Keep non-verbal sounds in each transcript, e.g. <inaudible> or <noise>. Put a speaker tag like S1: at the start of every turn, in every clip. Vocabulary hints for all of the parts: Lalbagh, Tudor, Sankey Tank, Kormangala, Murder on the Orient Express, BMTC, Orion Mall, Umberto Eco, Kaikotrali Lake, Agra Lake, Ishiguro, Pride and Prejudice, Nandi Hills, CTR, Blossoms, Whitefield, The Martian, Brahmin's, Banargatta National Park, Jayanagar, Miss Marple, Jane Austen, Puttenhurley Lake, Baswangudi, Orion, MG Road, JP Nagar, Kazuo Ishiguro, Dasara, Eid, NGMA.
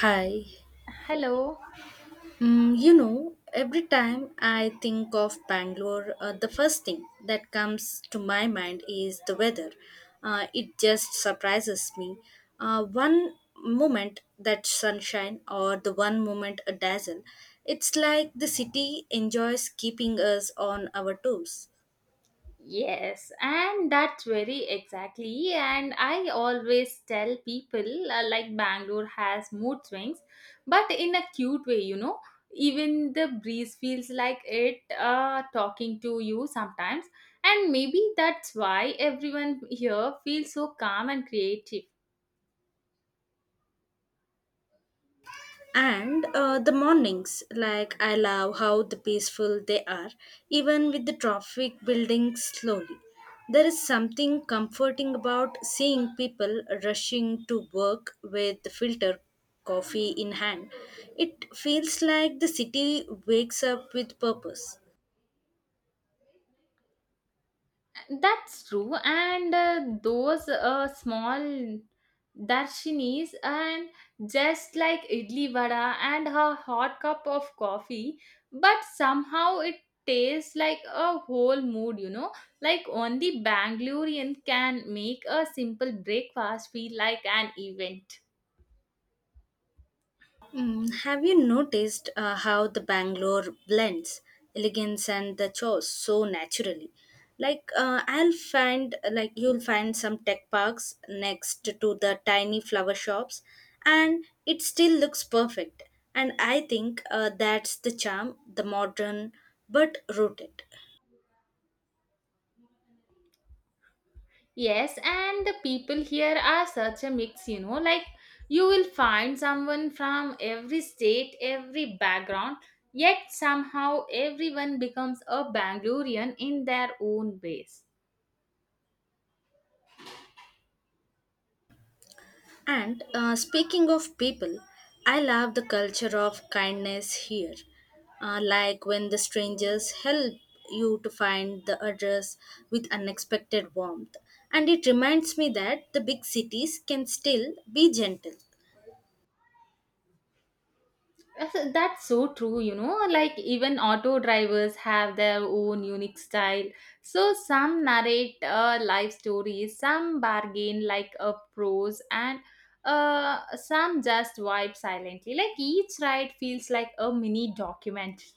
S1: Hi.
S2: Hello.
S1: You know, every time I think of Bangalore, the first thing that comes to my mind is the weather. It just surprises me. One moment that sunshine, or the one moment a dazzle, it's like the city enjoys keeping us on our toes.
S2: Yes, and that's very exactly. And I always tell people like Bangalore has mood swings, but in a cute way, you know. Even the breeze feels like it talking to you sometimes, and maybe that's why everyone here feels so calm and creative.
S1: And the mornings, like, I love how the peaceful they are, even with the traffic building slowly. There is something comforting about seeing people rushing to work with the filter coffee in hand. It feels like the city wakes up with purpose.
S2: That's true, and those small darshinis and just like idli vada and her hot cup of coffee, but somehow it tastes like a whole mood, you know. Like only Bangalorean can make a simple breakfast feel like an event.
S1: Have you noticed how the Bangalore blends elegance and the chores so naturally? Like, I'll find like you'll find some tech parks next to the tiny flower shops, and it still looks perfect. And I think that's the charm, the modern but rooted.
S2: Yes, and the people here are such a mix, you know, like you will find someone from every state, every background, yet somehow everyone becomes a Bangalorean in their own ways.
S1: And speaking of people, I love the culture of kindness here. Like when the strangers help you to find the address with unexpected warmth. And it reminds me that the big cities can still be gentle.
S2: Yes, that's so true, you know. Like, even auto drivers have their own unique style. So, some narrate life stories, some bargain like a prose, and some just vibe silently. Like, each ride feels like a mini documentary.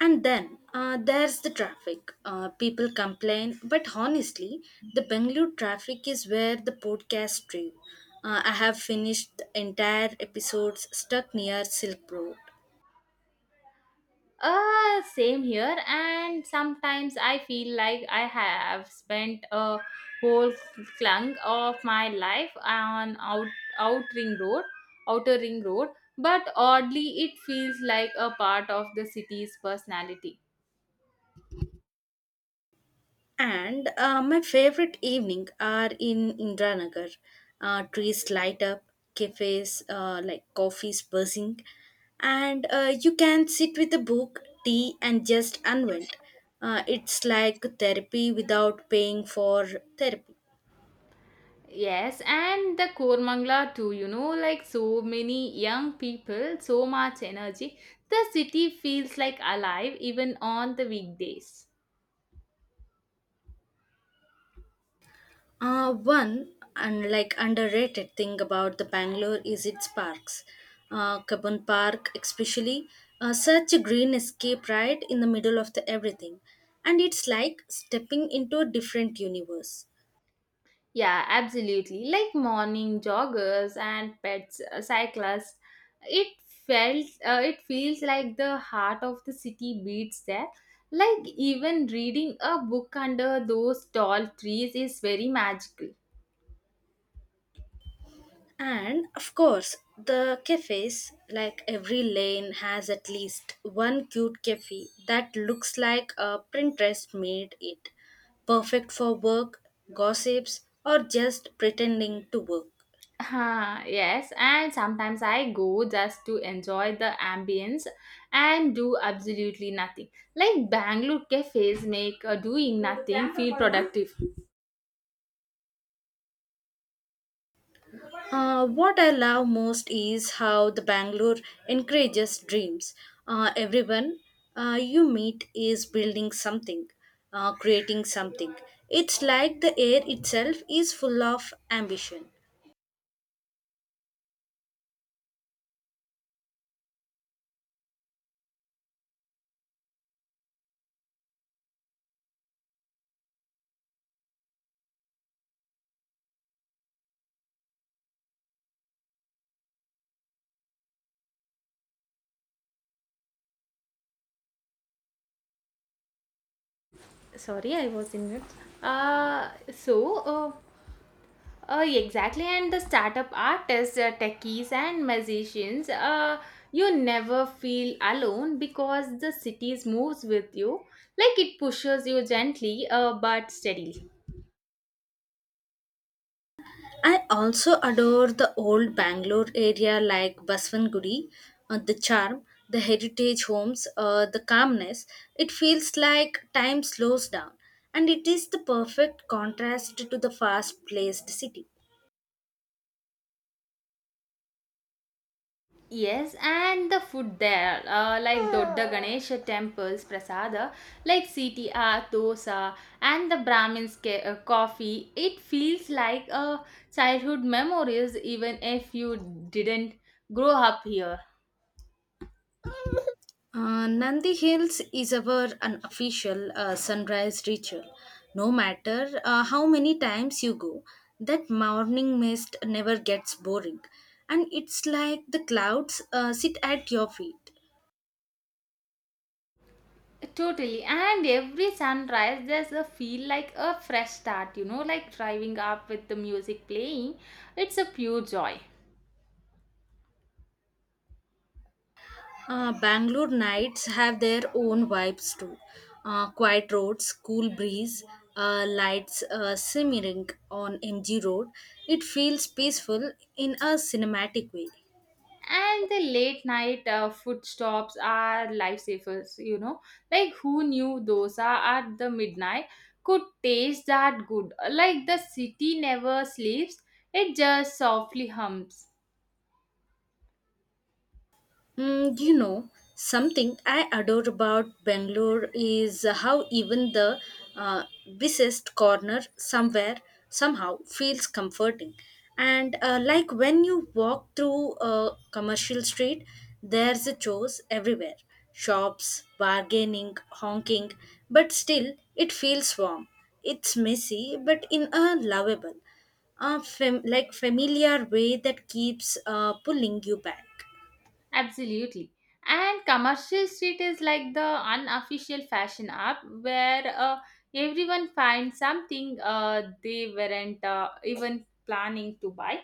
S1: And then there's the traffic. People complain, but honestly, the Bangalore traffic is where the podcast drew. I have finished the entire episodes stuck near Silk Road.
S2: Same here. And sometimes I feel like I have spent a whole chunk of my life on out ring road, outer ring road. But oddly, it feels like a part of the city's personality.
S1: And my favorite evening are in Indranagar. Trees light up, cafes, coffees buzzing, and you can sit with a book, tea, and just unwind. It's like therapy without paying for therapy.
S2: Yes, and the Kormangla too. You know, like so many young people, so much energy. The city feels like alive even on the weekdays.
S1: One and, like, underrated thing about the Bangalore is its parks. Kabun Park, especially, such a green escape right in the middle of the everything, and it's like stepping into a different universe.
S2: Yeah, absolutely. Like morning joggers and pets, cyclists, it it feels like the heart of the city beats there. Like even reading a book under those tall trees is very magical. <laughs>
S1: And of course, the cafes, like every lane has at least one cute cafe that looks like a Pinterest made it, perfect for work, gossips, or just pretending to work.
S2: Huh, yes, and sometimes I go just to enjoy the ambience and do absolutely nothing. Like Bangalore cafes make doing nothing feel productive.
S1: What I love most is how the Bangalore encourages dreams. Everyone you meet is building something, creating something. It's like the air itself is full of ambition.
S2: Sorry, I was in mute. So. Exactly, and the startup artists, techies, and musicians, you never feel alone because the cities moves with you, like it pushes you gently, but steadily.
S1: I also adore the old Bangalore area like Baswangudi, the charm, the heritage homes, the calmness. It feels like time slows down, and it is the perfect contrast to the fast-paced city.
S2: Yes, and the food there, like Dodda Ganesha temples, prasada, like CTR, dosa, and the Brahmin's coffee, it feels like a childhood memories, even if you didn't grow up here.
S1: Nandi Hills is our unofficial sunrise ritual. No matter how many times you go, that morning mist never gets boring. And it's like the clouds sit at your feet.
S2: Totally. And every sunrise, there's a feel like a fresh start, you know, like driving up with the music playing. It's a pure joy.
S1: Bangalore nights have their own vibes too. Quiet roads, cool breeze, lights simmering on MG Road. It feels peaceful in a cinematic way.
S2: And the late night food stops are lifesavers, you know. Like, who knew dosa at the midnight could taste that good? Like, the city never sleeps, it just softly hums.
S1: You know, something I adore about Bangalore is how even the uh, busiest corner somewhere somehow feels comforting. And like when you walk through a commercial street, there's a choice everywhere, shops, bargaining, honking, but still it feels warm. It's messy, but in a lovable, familiar way that keeps pulling you back.
S2: Absolutely. And commercial street is like the unofficial fashion app where everyone finds something they weren't even planning to buy.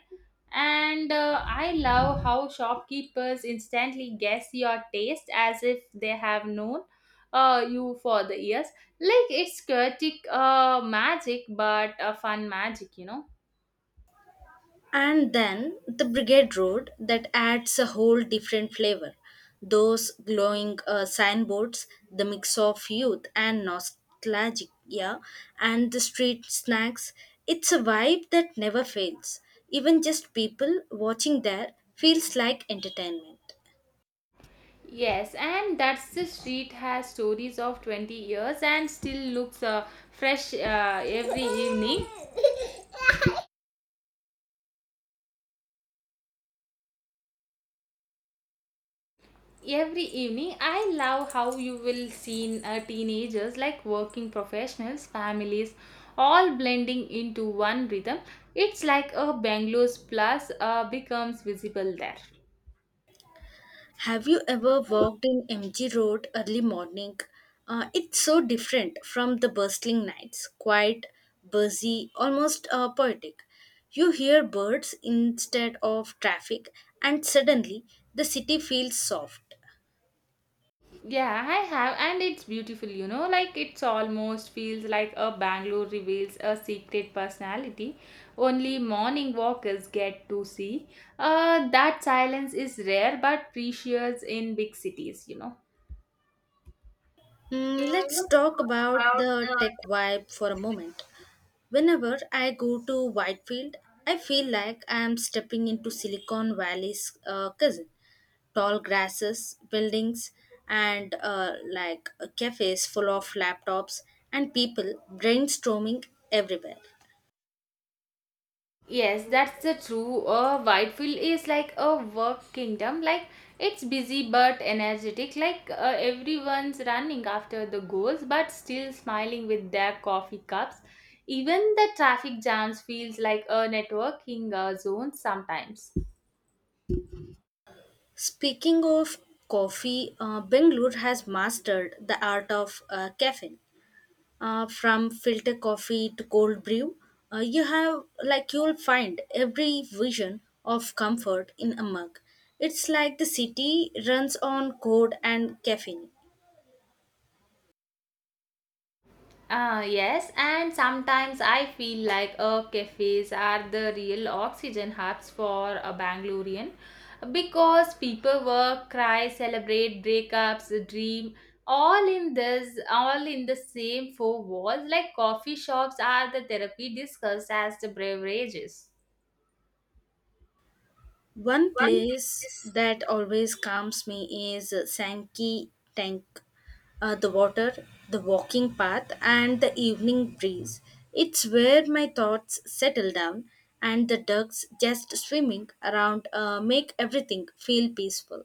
S2: And I love how shopkeepers instantly guess your taste as if they have known you for the years. Like it's chaotic magic, but a fun magic, you know.
S1: And then the Brigade Road that adds a whole different flavor. Those glowing signboards, the mix of youth and nostalgia, and the street snacks. It's a vibe that never fails. Even just people watching there feels like entertainment.
S2: Yes, and that's the street has stories of 20 years and still looks fresh every evening. Every evening, I love how you will see teenagers like working professionals, families, all blending into one rhythm. It's like a Bangalore's plus becomes visible there.
S1: Have you ever walked in MG Road early morning? It's so different from the bustling nights, quiet, busy, almost poetic. You hear birds instead of traffic, and suddenly the city feels soft.
S2: Yeah, I have, and it's beautiful, you know, like it's almost feels like a Bangalore reveals a secret personality. Only morning walkers get to see. That silence is rare but precious in big cities, you know. Mm,
S1: Let's talk about the tech vibe for a moment. Whenever I go to Whitefield, I feel like I am stepping into Silicon Valley's cousin. Tall grasses, buildings, and cafes full of laptops and people brainstorming everywhere.
S2: yes, that's the true. Whitefield is like a work kingdom. Like it's busy but energetic. Like everyone's running after the goals, but still smiling with their coffee cups. Even the traffic jams feels like a networking zone sometimes.
S1: Speaking of coffee, Bangalore has mastered the art of caffeine. From filter coffee to cold brew, you have like you'll find every vision of comfort in a mug. It's like the city runs on code and caffeine.
S2: Ah, yes, and sometimes I feel like cafes are the real oxygen hubs for a Bangalorean because people work, cry, celebrate, breakups, dream, all in the same four walls. Like coffee shops are the therapy discussed as the beverages.
S1: One place that always calms me is Sankey Tank. The water, the walking path, and the evening breeze. It's where my thoughts settle down, and the ducks just swimming around make everything feel peaceful.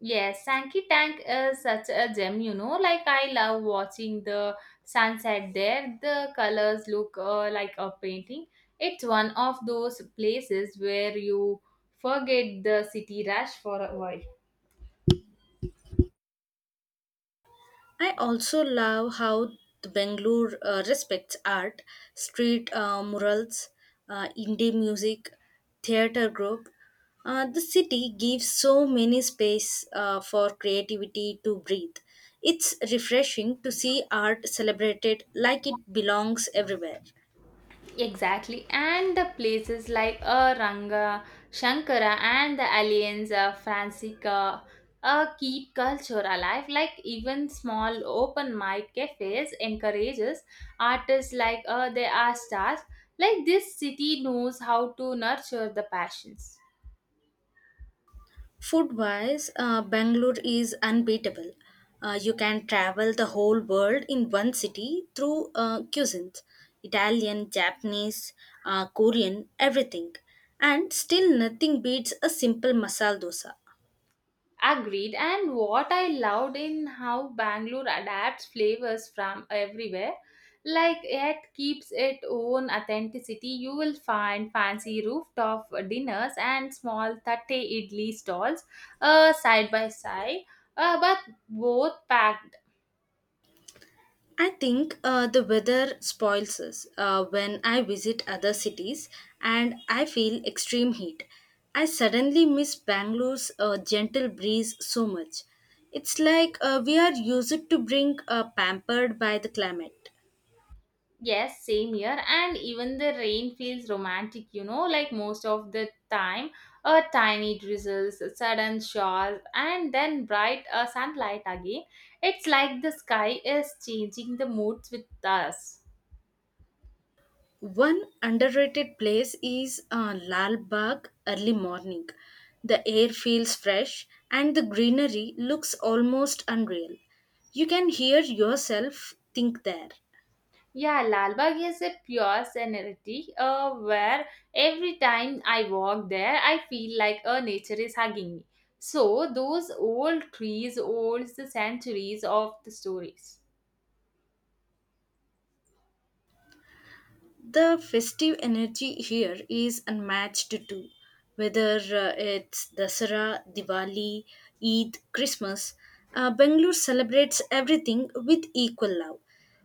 S2: Yes, Sankey Tank is such a gem, you know. Like, I love watching the sunset there. The colors look like a painting. It's one of those places where you forget the city rush for a while.
S1: I also love how the Bangalore respects art, street murals, indie music, theater group. The city gives so many space for creativity to breathe. It's refreshing to see art celebrated like it belongs everywhere.
S2: Exactly, and the places like Ranga, Shankara, and the aliens Francisca keep culture alive. Like even small open mic cafes encourages artists like they are stars. Like this city knows how to nurture the passions.
S1: Food wise, Bangalore is unbeatable. You can travel the whole world in one city through cuisines Italian, Japanese, Korean, everything. And still, nothing beats a simple masala dosa.
S2: Agreed. And what I loved in how Bangalore adapts flavors from everywhere, like it keeps its own authenticity. You will find fancy rooftop dinners and small tatte idli stalls side by side, but both packed.
S1: I think the weather spoils us when I visit other cities and I feel extreme heat. I suddenly miss Bangalore's gentle breeze so much. It's like we are used to being pampered by the climate.
S2: Yes, same here. And even the rain feels romantic, you know, like most of the time. A tiny drizzles, a sudden showers, and then bright sunlight again. It's like the sky is changing the moods with us.
S1: One underrated place is Lal Bagh early morning. The air feels fresh and the greenery looks almost unreal. You can hear yourself think there.
S2: Yeah, Lalbagh is a pure serenity where every time I walk there, I feel like a nature is hugging me. So, those old trees, old the centuries of the stories.
S1: The festive energy here is unmatched too. Whether it's Dasara, Diwali, Eid, Christmas, Bangalore celebrates everything with equal love.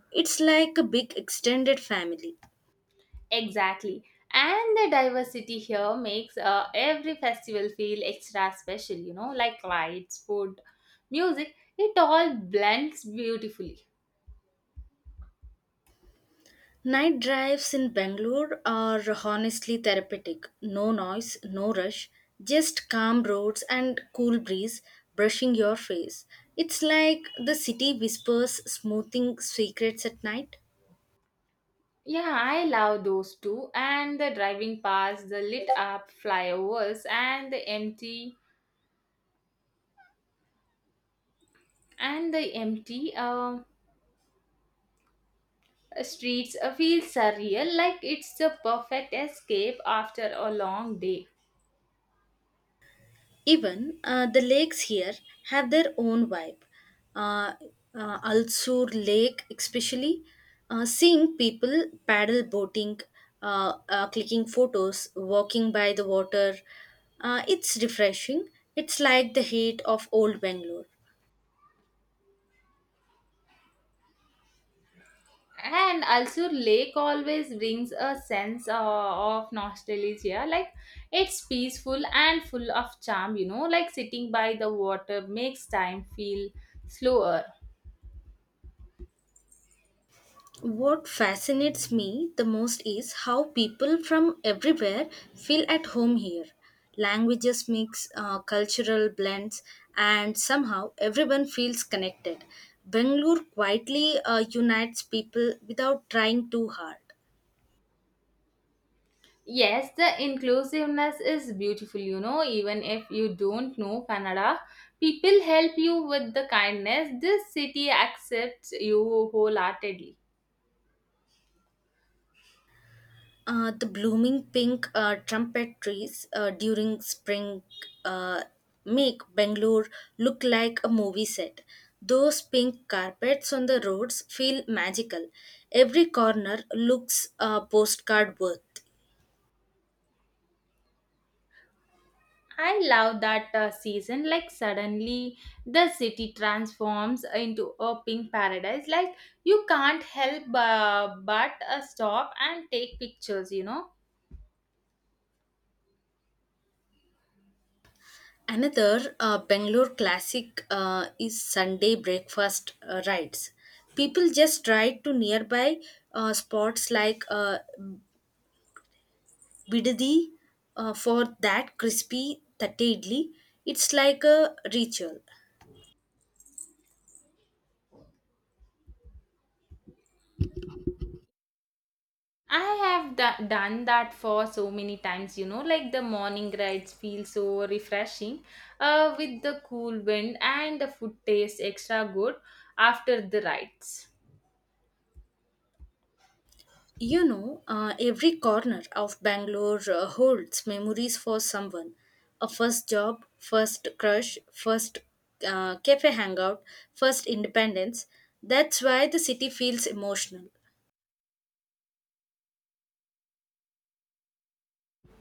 S1: It's like a big extended family.
S2: Exactly. And the diversity here makes every festival feel extra special, you know, like lights, food, music, it all blends beautifully.
S1: Night drives in Bangalore are honestly therapeutic. No noise, no rush, just calm roads and cool breeze brushing your face. It's like the city whispers, smoothing secrets at night.
S2: Yeah, I love those too. And the driving past the lit up flyovers and the empty and the empty streets feel surreal, like it's the perfect escape after a long day.
S1: Even the lakes here have their own vibe. Uh, Alsur Lake, especially, seeing people paddle boating, clicking photos, walking by the water, it's refreshing. It's like the heat of old Bangalore.
S2: And also lake always brings a sense of nostalgia, like it's peaceful and full of charm, you know, like sitting by the water makes time feel slower.
S1: What fascinates me the most is how people from everywhere feel at home here. Languages mix, cultural blends, and somehow everyone feels connected. Bangalore quietly unites people without trying too hard.
S2: Yes, the inclusiveness is beautiful, you know, even if you don't know Kannada, people help you with the kindness. This city accepts you wholeheartedly.
S1: The blooming pink trumpet trees during spring uh, make Bangalore look like a movie set. Those pink carpets on the roads feel magical. Every corner looks postcard worth.
S2: I love that season. Like suddenly, the city transforms into a pink paradise. Like you can't help but stop and take pictures. You know,
S1: Another Bangalore classic is Sunday breakfast rides. People just ride to nearby spots like Bidadi for that crispy tatte idli. It's like a ritual.
S2: I have done that for so many times. You know, like the morning rides feel so refreshing, with the cool wind and the food tastes extra good after the rides.
S1: You know, every corner of Bangalore holds memories for someone. A first job, first crush, first cafe hangout, first independence. That's why the city feels emotional.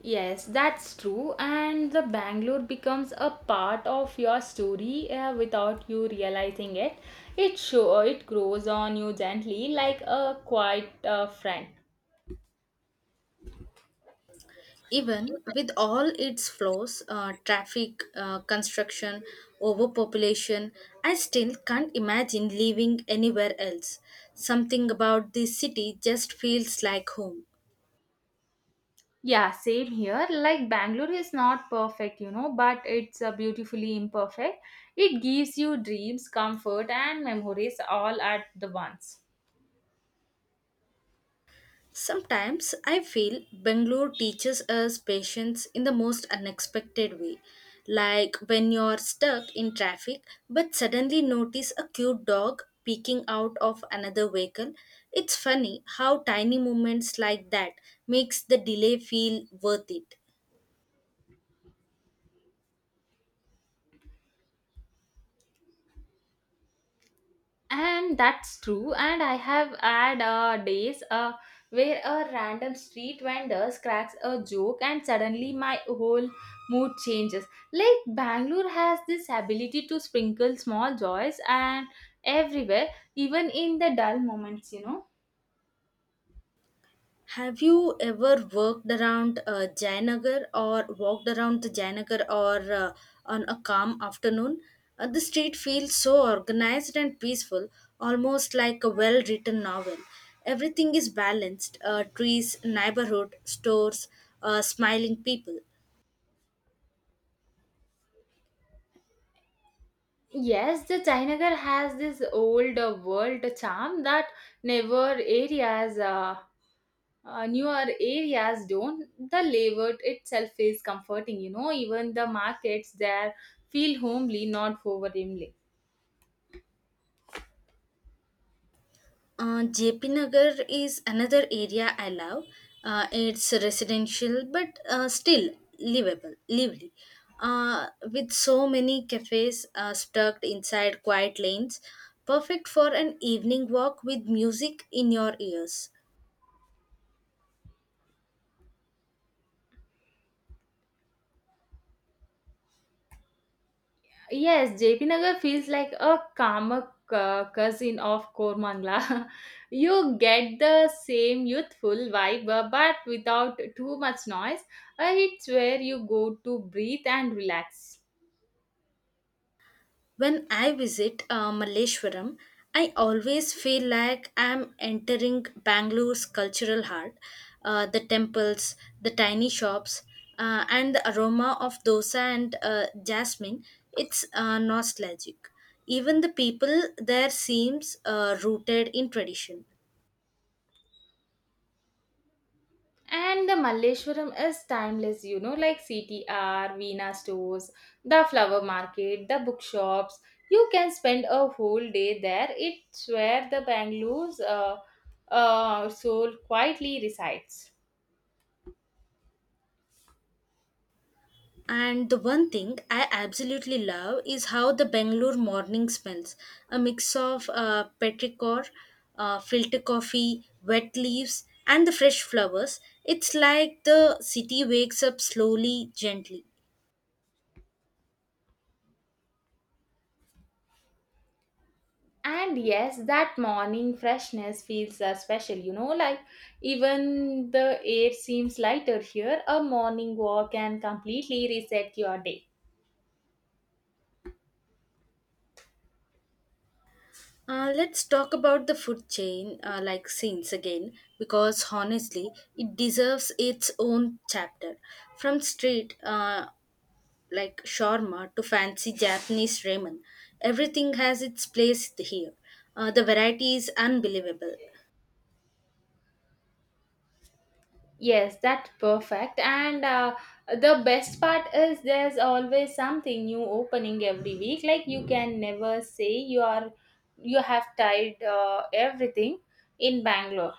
S2: Yes, that's true. And the Bangalore becomes a part of your story without you realizing it. It show It grows on you gently, like a quiet friend.
S1: Even with all its flaws, traffic, construction, overpopulation, I still can't imagine living anywhere else. Something about this city just feels like home.
S2: Yeah, same here. Like Bangalore is not perfect, you know, but it's beautifully imperfect. It gives you dreams, comfort, and memories all at the once.
S1: Sometimes I feel Bangalore teaches us patience in the most unexpected way. Like when you're stuck in traffic but suddenly notice a cute dog peeking out of another vehicle. It's funny how tiny moments like that makes the delay feel worth it.
S2: And that's true, and I have had days where a random street vendor cracks a joke and suddenly my whole mood changes. Like Bangalore has this ability to sprinkle small joys and everywhere, even in the dull moments, you know.
S1: Have you ever worked around Jayanagar or walked around the Jayanagar or on a calm afternoon? The street feels so organized and peaceful, almost like a well written novel. Everything is balanced, trees, neighborhood, stores, smiling people.
S2: Yes, the Chinagar has this old world charm that newer areas, uh, newer areas don't. The layout itself is comforting, you know, even the markets there feel homely, not overwhelming.
S1: JP Nagar is another area I love. It's residential but still livable, lively. With so many cafes stuck inside quiet lanes, perfect for an evening walk with music in your ears.
S2: Yes, JP Nagar feels like a calmer cousin of Kormangla. <laughs> You get the same youthful vibe, but without too much noise. It's where you go to breathe and relax.
S1: When I visit Malleshwaram, I always feel like I'm entering Bangalore's cultural heart. The temples, the tiny shops, and the aroma of dosa and jasmine, it's nostalgic. Even the people there seems rooted in tradition.
S2: And the Malleshwaram is timeless, you know, like CTR, Veena stores, the flower market, the bookshops. You can spend a whole day there. It's where the Bangalore's soul quietly resides.
S1: And the one thing I absolutely love is how the Bangalore morning smells a mix of petrichor, filter coffee, wet leaves, and the fresh flowers. It's like the city wakes up slowly, gently.
S2: And yes, that morning freshness feels special, you know, like even the air seems lighter here. A morning walk can completely reset your day.
S1: Let's talk about the food chain, scenes again, because honestly, it deserves its own chapter. From street shawarma to fancy Japanese ramen. Everything has its place here. The variety is unbelievable.
S2: Yes, that's perfect. And the best part is there's always something new opening every week. Like you can never say you have tried everything in Bangalore.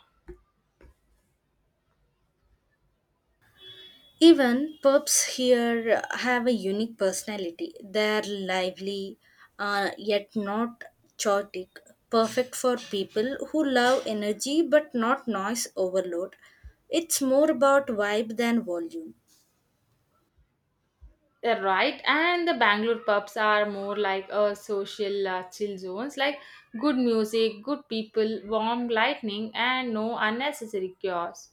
S1: Even pubs here have a unique personality. They're lively, yet not chaotic. Perfect for people who love energy but not noise overload. It's more about vibe than volume.
S2: Yeah, right, and the Bangalore pubs are more like a social chill zones, like good music, good people, warm lighting, and no unnecessary chaos.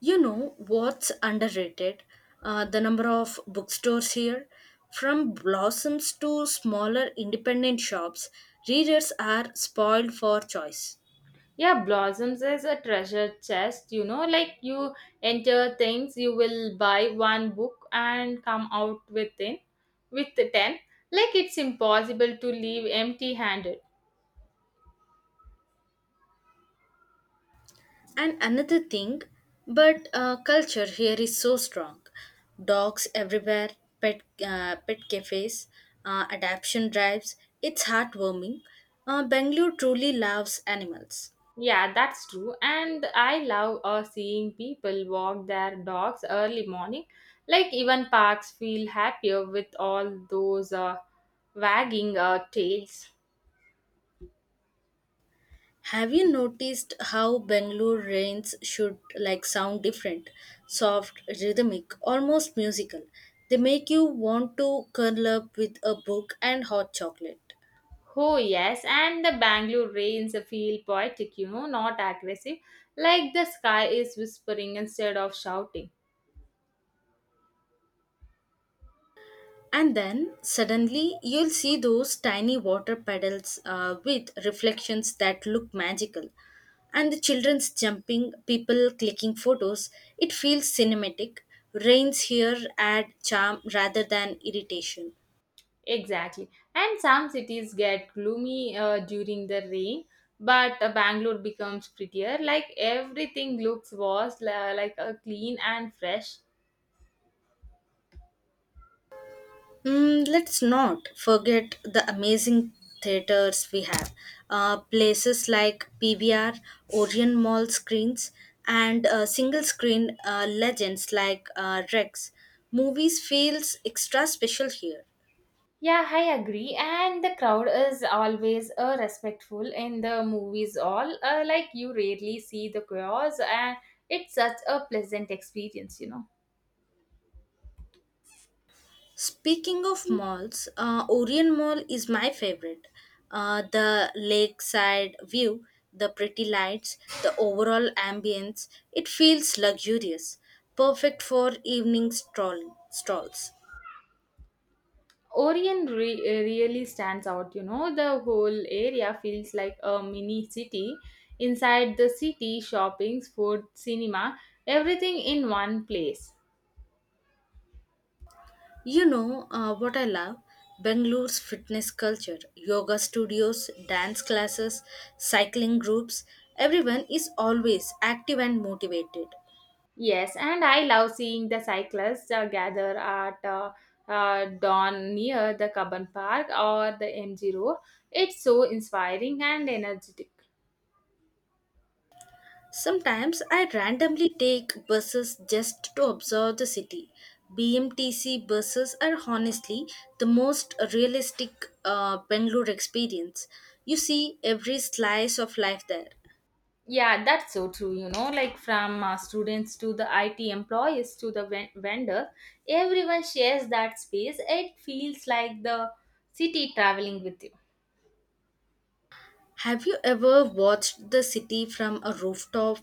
S1: You know what's underrated? The number of bookstores here. From blossoms to smaller independent shops, readers are spoiled for choice.
S2: Yeah, Blossoms is a treasure chest, you know, like you enter things, you will buy one book and come out within with the ten. Like it's impossible to leave empty handed.
S1: And another thing, but culture here is so strong. Dogs everywhere, pet cafes, adaptation drives. It's heartwarming. Bangalore truly loves animals.
S2: Yeah, that's true. And I love seeing people walk their dogs early morning. Like even parks feel happier with all those wagging tails.
S1: Have you noticed how Bangalore rains should like sound different, soft, rhythmic, almost musical? They make you want to curl up with a book and hot chocolate.
S2: Oh yes, and the Bangalore rains feel poetic, you know, not aggressive. Like the sky is whispering instead of shouting.
S1: And then suddenly you'll see those tiny water puddles with reflections that look magical. And the children's jumping, people clicking photos, it feels cinematic. Rains here add charm rather than irritation.
S2: Exactly. And some cities get gloomy during the rain, but Bangalore becomes prettier. Like everything looks like clean and fresh.
S1: Let's not forget the amazing theaters we have. Places like PVR, Orion Mall screens, and single screen legends like Rex. Movies feels extra special here.
S2: Yeah, I agree. And the crowd is always respectful in the movies. All like you rarely see the chaos, and it's such a pleasant experience, you know.
S1: Speaking of malls, Orion Mall is my favorite. The lakeside view, the pretty lights, the overall ambience, it feels luxurious, perfect for evening strolls.
S2: Orion really stands out, you know. The whole area feels like a mini city. Inside the city, shopping, food, cinema, everything in one place.
S1: You know what I love? Bangalore's fitness culture, yoga studios, dance classes, cycling groups. Everyone is always active and motivated.
S2: Yes, and I love seeing the cyclists gather at dawn near the Kaban Park or the MG Road. It's so inspiring and energetic.
S1: Sometimes I randomly take buses just to observe the city. BMTC buses are honestly the most realistic Bangalore experience. You see every slice of life there.
S2: Yeah, that's so true. You know, like from students to the IT employees to the vendor, everyone shares that space. It feels like the city traveling with you.
S1: Have you ever watched the city from a rooftop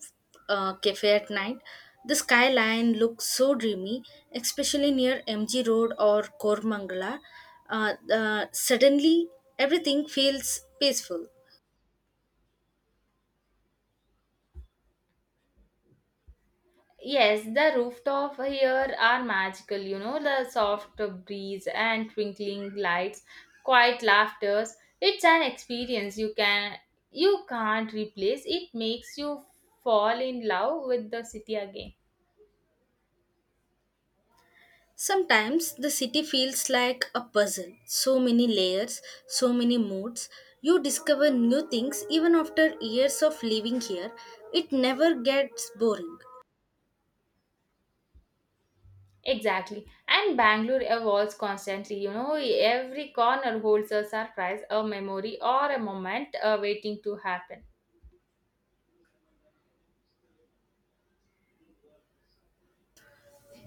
S1: cafe at night? The skyline looks so dreamy, especially near MG Road or Kormangala. Suddenly, everything feels peaceful.
S2: Yes, the rooftop here are magical. You know, the soft breeze and twinkling lights, quiet laughters. It's an experience you can you can't replace. It makes you fall in love with the city again.
S1: Sometimes the city feels like a puzzle, so many layers, so many moods. You discover new things even after years of living here. It never gets boring.
S2: Exactly. And Bangalore evolves constantly. You know, every corner holds a surprise, a memory, or a moment waiting to happen.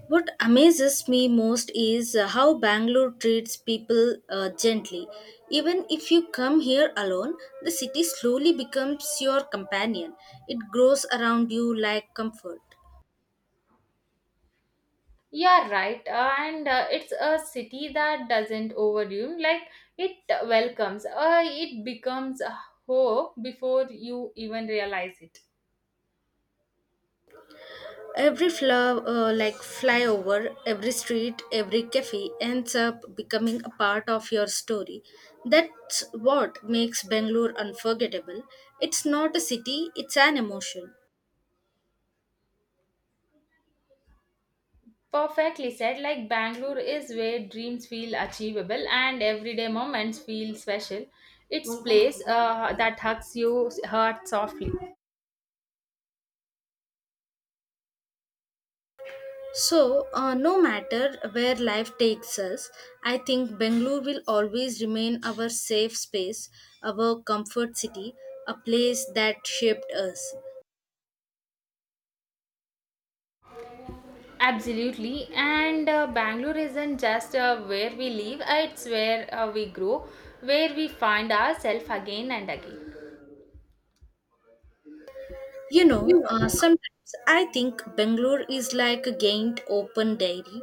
S1: What amazes me most is how Bangalore treats people gently. Even if you come here alone, the city slowly becomes your companion. It grows around you like comfort.
S2: You're right. And It's a city that doesn't overwhelm, like, it welcomes, it becomes a hope before you even realize it.
S1: Every flower, like flyover, every street, every cafe ends up becoming a part of your story. That's what makes Bangalore unforgettable. It's not a city, it's an emotion.
S2: Perfectly said, like, Bangalore is where dreams feel achievable and everyday moments feel special. It's place that hugs you heart softly.
S1: So, no matter where life takes us, I think Bangalore will always remain our safe space, our comfort city, a place that shaped us.
S2: Absolutely, and Bangalore isn't just where we live, it's where we grow, where we find ourselves again and again.
S1: Sometimes I think Bangalore is like a gained open diary.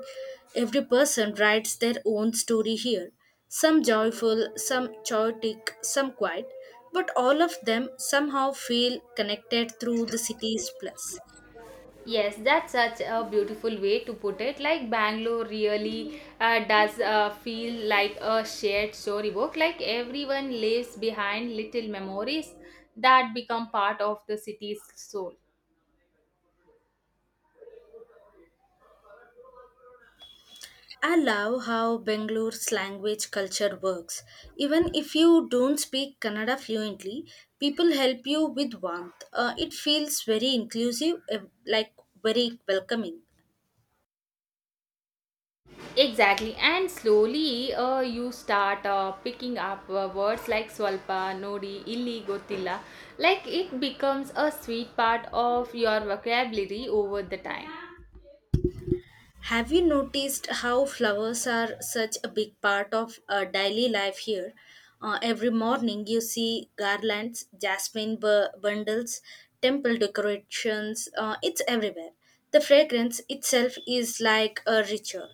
S1: Every person writes their own story here. Some joyful, some chaotic, some quiet, but all of them somehow feel connected through the city's plus.
S2: Yes, that's such a beautiful way to put it. Like, Bangalore really does feel like a shared storybook, like, everyone leaves behind little memories that become part of the city's soul.
S1: I love how Bangalore's language culture works. Even if you don't speak Kannada fluently, people help you with warmth. It feels very inclusive, like very welcoming.
S2: Exactly, and slowly you start picking up words like swalpa, nodi, illi, gotilla. Like it becomes a sweet part of your vocabulary over the time.
S1: Have you noticed how flowers are such a big part of daily life here? Every morning you see garlands, jasmine bundles, temple decorations, it's everywhere. The fragrance itself is like a ritual.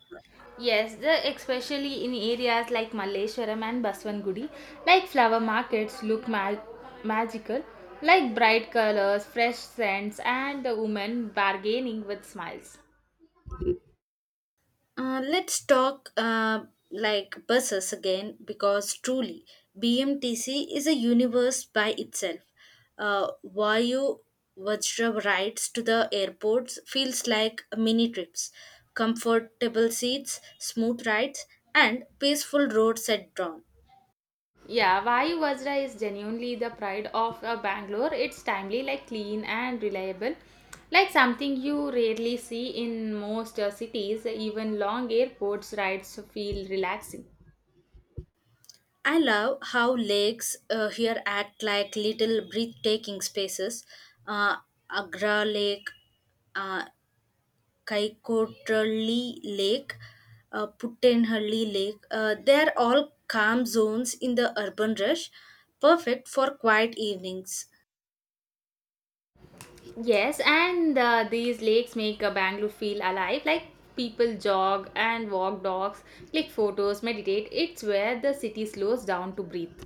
S2: Yes, the, especially in areas like Malleshwaram and Baswangudi, like flower markets look magical, like bright colors, fresh scents, and the women bargaining with smiles.
S1: Let's talk like buses again because truly BMTC is a universe by itself. Vayu Vajra rides to the airports feels like mini trips, comfortable seats, smooth rides, and peaceful roads at dawn.
S2: Yeah, Vayu Vajra is genuinely the pride of Bangalore. It's timely, like clean and reliable, like something you rarely see in most cities. Even long airports rides feel relaxing.
S1: I love how lakes here act like little breathtaking spaces. Uh, Agra Lake, uh, Kaikotrali Lake, Puttenhurley Lake. They're all calm zones in the urban rush, perfect for quiet evenings.
S2: Yes, and these lakes make Bangalore feel alive. Like people jog and walk dogs, click photos, meditate. It's where the city slows down to breathe.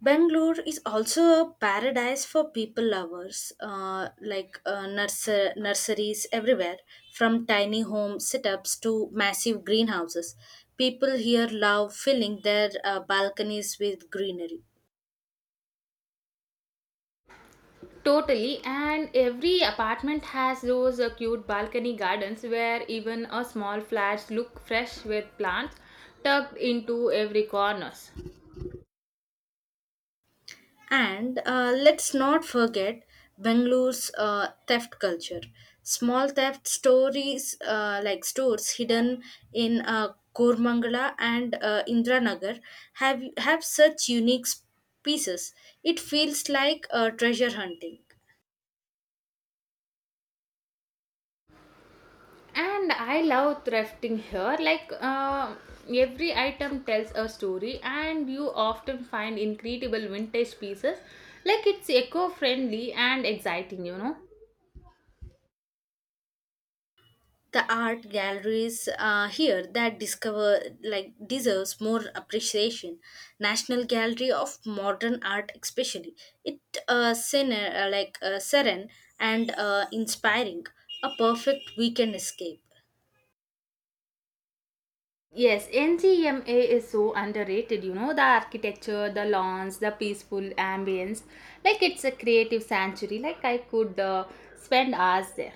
S1: Bangalore is also a paradise for people lovers, like nurseries everywhere, from tiny home setups to massive greenhouses. People here love filling their balconies with greenery.
S2: Totally, and every apartment has those cute balcony gardens where even a small flats look fresh with plants tucked into every corners.
S1: And let's not forget Bengalore's theft culture. Small theft stories like stores hidden in Kormangala and Indranagar have such unique pieces. It feels like treasure hunting.
S2: And I love thrifting here. Like every item tells a story, and you often find incredible vintage pieces. Like it's eco-friendly and exciting, you know.
S1: The art galleries here that discover like deserves more appreciation, national gallery of modern art especially. It serene and inspiring, a perfect weekend escape.
S2: Yes, NGMA is so underrated. You know, the architecture, the lawns, the peaceful ambience. Like it's a creative sanctuary. Like I could spend hours there.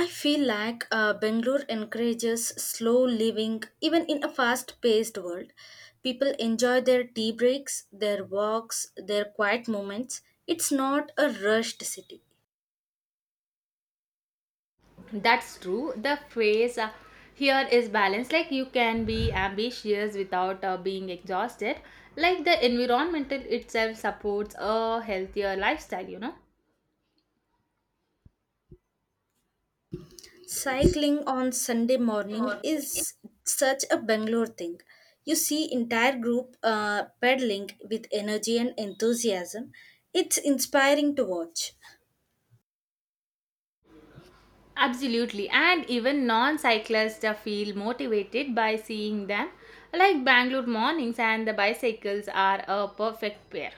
S1: I feel like Bangalore encourages slow living even in a fast paced world. People enjoy their tea breaks, their walks, their quiet moments. It's not a rushed city.
S2: That's true. The phrase here is balance. Like you can be ambitious without being exhausted. Like the environmental itself supports a healthier lifestyle, you
S1: Cycling on Sunday morning
S2: know.
S1: is such a Bangalore thing. You see entire group pedaling with energy and enthusiasm. It's inspiring to watch.
S2: Absolutely, and even non cyclists feel motivated by seeing them, like Bangalore mornings and the bicycles are a perfect pair.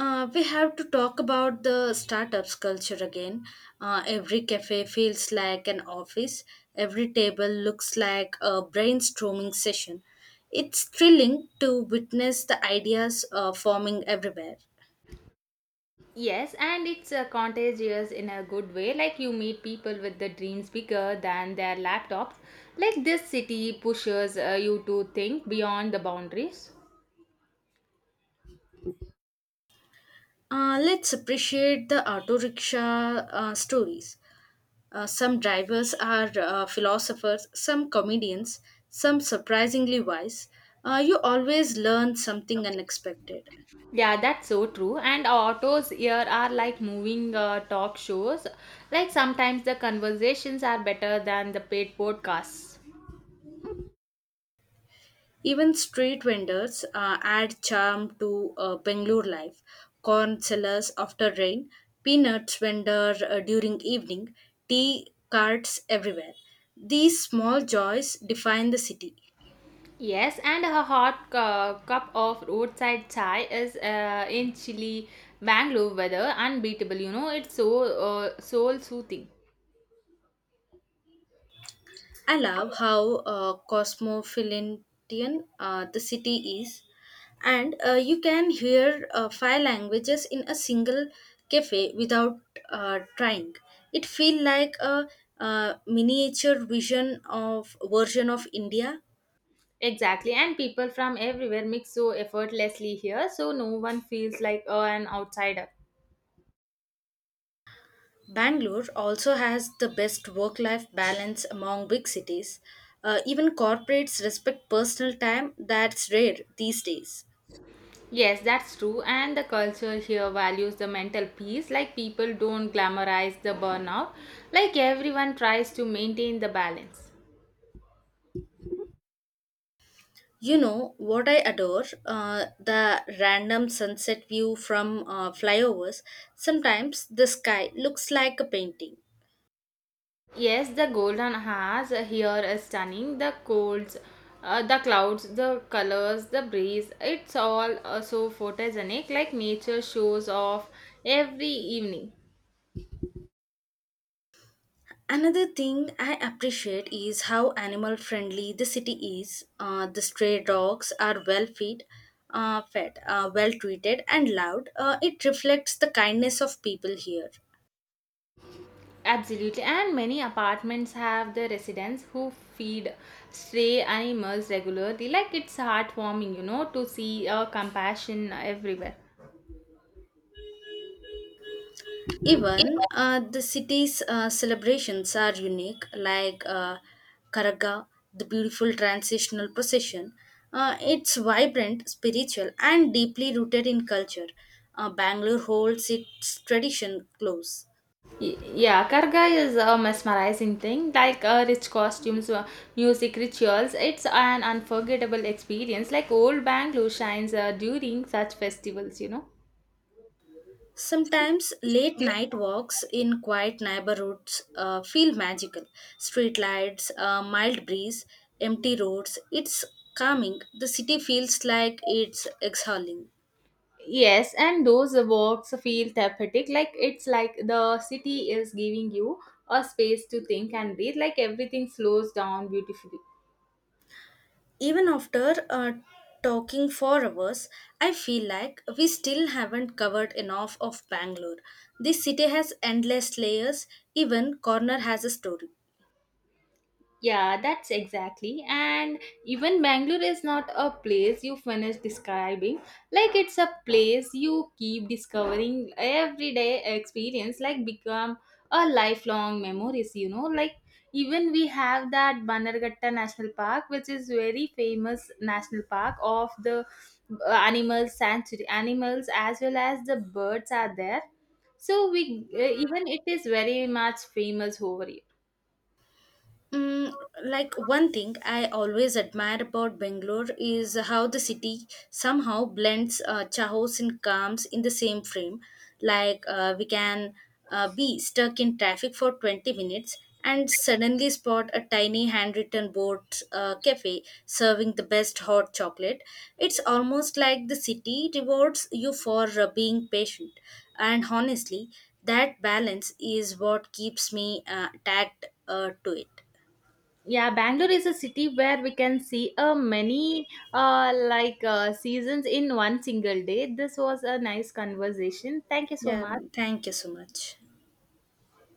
S1: We have to talk about the startups culture again. Every cafe feels like an office. Every table looks like a brainstorming session. It's thrilling to witness the ideas forming everywhere.
S2: Yes, and it's contagious in a good way, like you meet people with the dreams bigger than their laptops. Like this city pushes you to think beyond the boundaries.
S1: Let's appreciate the auto rickshaw stories. Some drivers are philosophers, some comedians, some surprisingly wise. You always learn something unexpected.
S2: Yeah, that's so true. And autos here are like moving talk shows. Like sometimes the conversations are better than the paid podcasts.
S1: Even street vendors add charm to Bangalore life. Corn sellers after rain, peanuts vendor during evening, tea carts everywhere. These small joys define the city.
S2: Yes, and a hot cup of roadside chai is in chilly Bangalore weather unbeatable. You know, it's so soul soothing.
S1: I love how cosmopolitan the city is, and you can hear five languages in a single cafe without trying. It feels like a, miniature vision of version of India.
S2: Exactly, and people from everywhere mix so effortlessly here, so no one feels like an outsider.
S1: Bangalore also has the best work-life balance among big cities. Even corporates respect personal time. That's rare these days.
S2: Yes, that's true, and the culture here values the mental peace. Like people don't glamorize the burnout. Like everyone tries to maintain the balance.
S1: You know what I adore? The random sunset view from flyovers. Sometimes the sky looks like a painting.
S2: Yes, the golden has here is stunning. The colds, the clouds, the colors, the breeze. It's all so photogenic, like nature shows off every evening.
S1: Another thing I appreciate is how animal friendly the city is. The stray dogs are fed, well treated, and loved. It reflects the kindness of people here.
S2: Absolutely, and many apartments have the residents who feed stray animals regularly. Like it's heartwarming, you know, to see compassion everywhere.
S1: Even the city's celebrations are unique, like Karaga, the beautiful transitional procession. It's vibrant, spiritual, and deeply rooted in culture. Bangalore holds its tradition close.
S2: Yeah, Karga is a mesmerizing thing. Like rich costumes, music, rituals, it's an unforgettable experience. Like old Bangalore shines during such festivals, you know.
S1: Sometimes late night walks in quiet neighborhoods feel magical. Street lights, a mild breeze, empty roads. It's calming. The city feels like it's exhaling.
S2: Yes, and those walks feel therapeutic. Like it's like the city is giving you a space to think and breathe. Like everything slows down beautifully.
S1: Even after talking for hours, I feel like we still haven't covered enough of Bangalore. This city has endless layers, even corner has a story.
S2: Yeah, that's exactly. And even Bangalore is not a place you finish describing. Like it's a place you keep discovering everyday experience, like become a lifelong memories, you know. Like even we have that Banargatta National Park, which is very famous national park of the animal sanctuary. Animals as well as the birds are there. So we even it is very much famous over here.
S1: Mm, like one thing I always admire about Bangalore is how the city somehow blends chaos and calms in the same frame. Like we can be stuck in traffic for 20 minutes and suddenly spot a tiny handwritten board cafe serving the best hot chocolate. It's almost like the city rewards you for being patient. And honestly, that balance is what keeps me tagged to it.
S2: Yeah, Bangalore is a city where we can see many seasons in one single day. This was a nice conversation, thank you so
S1: Yeah,
S2: much.
S1: thank you so much.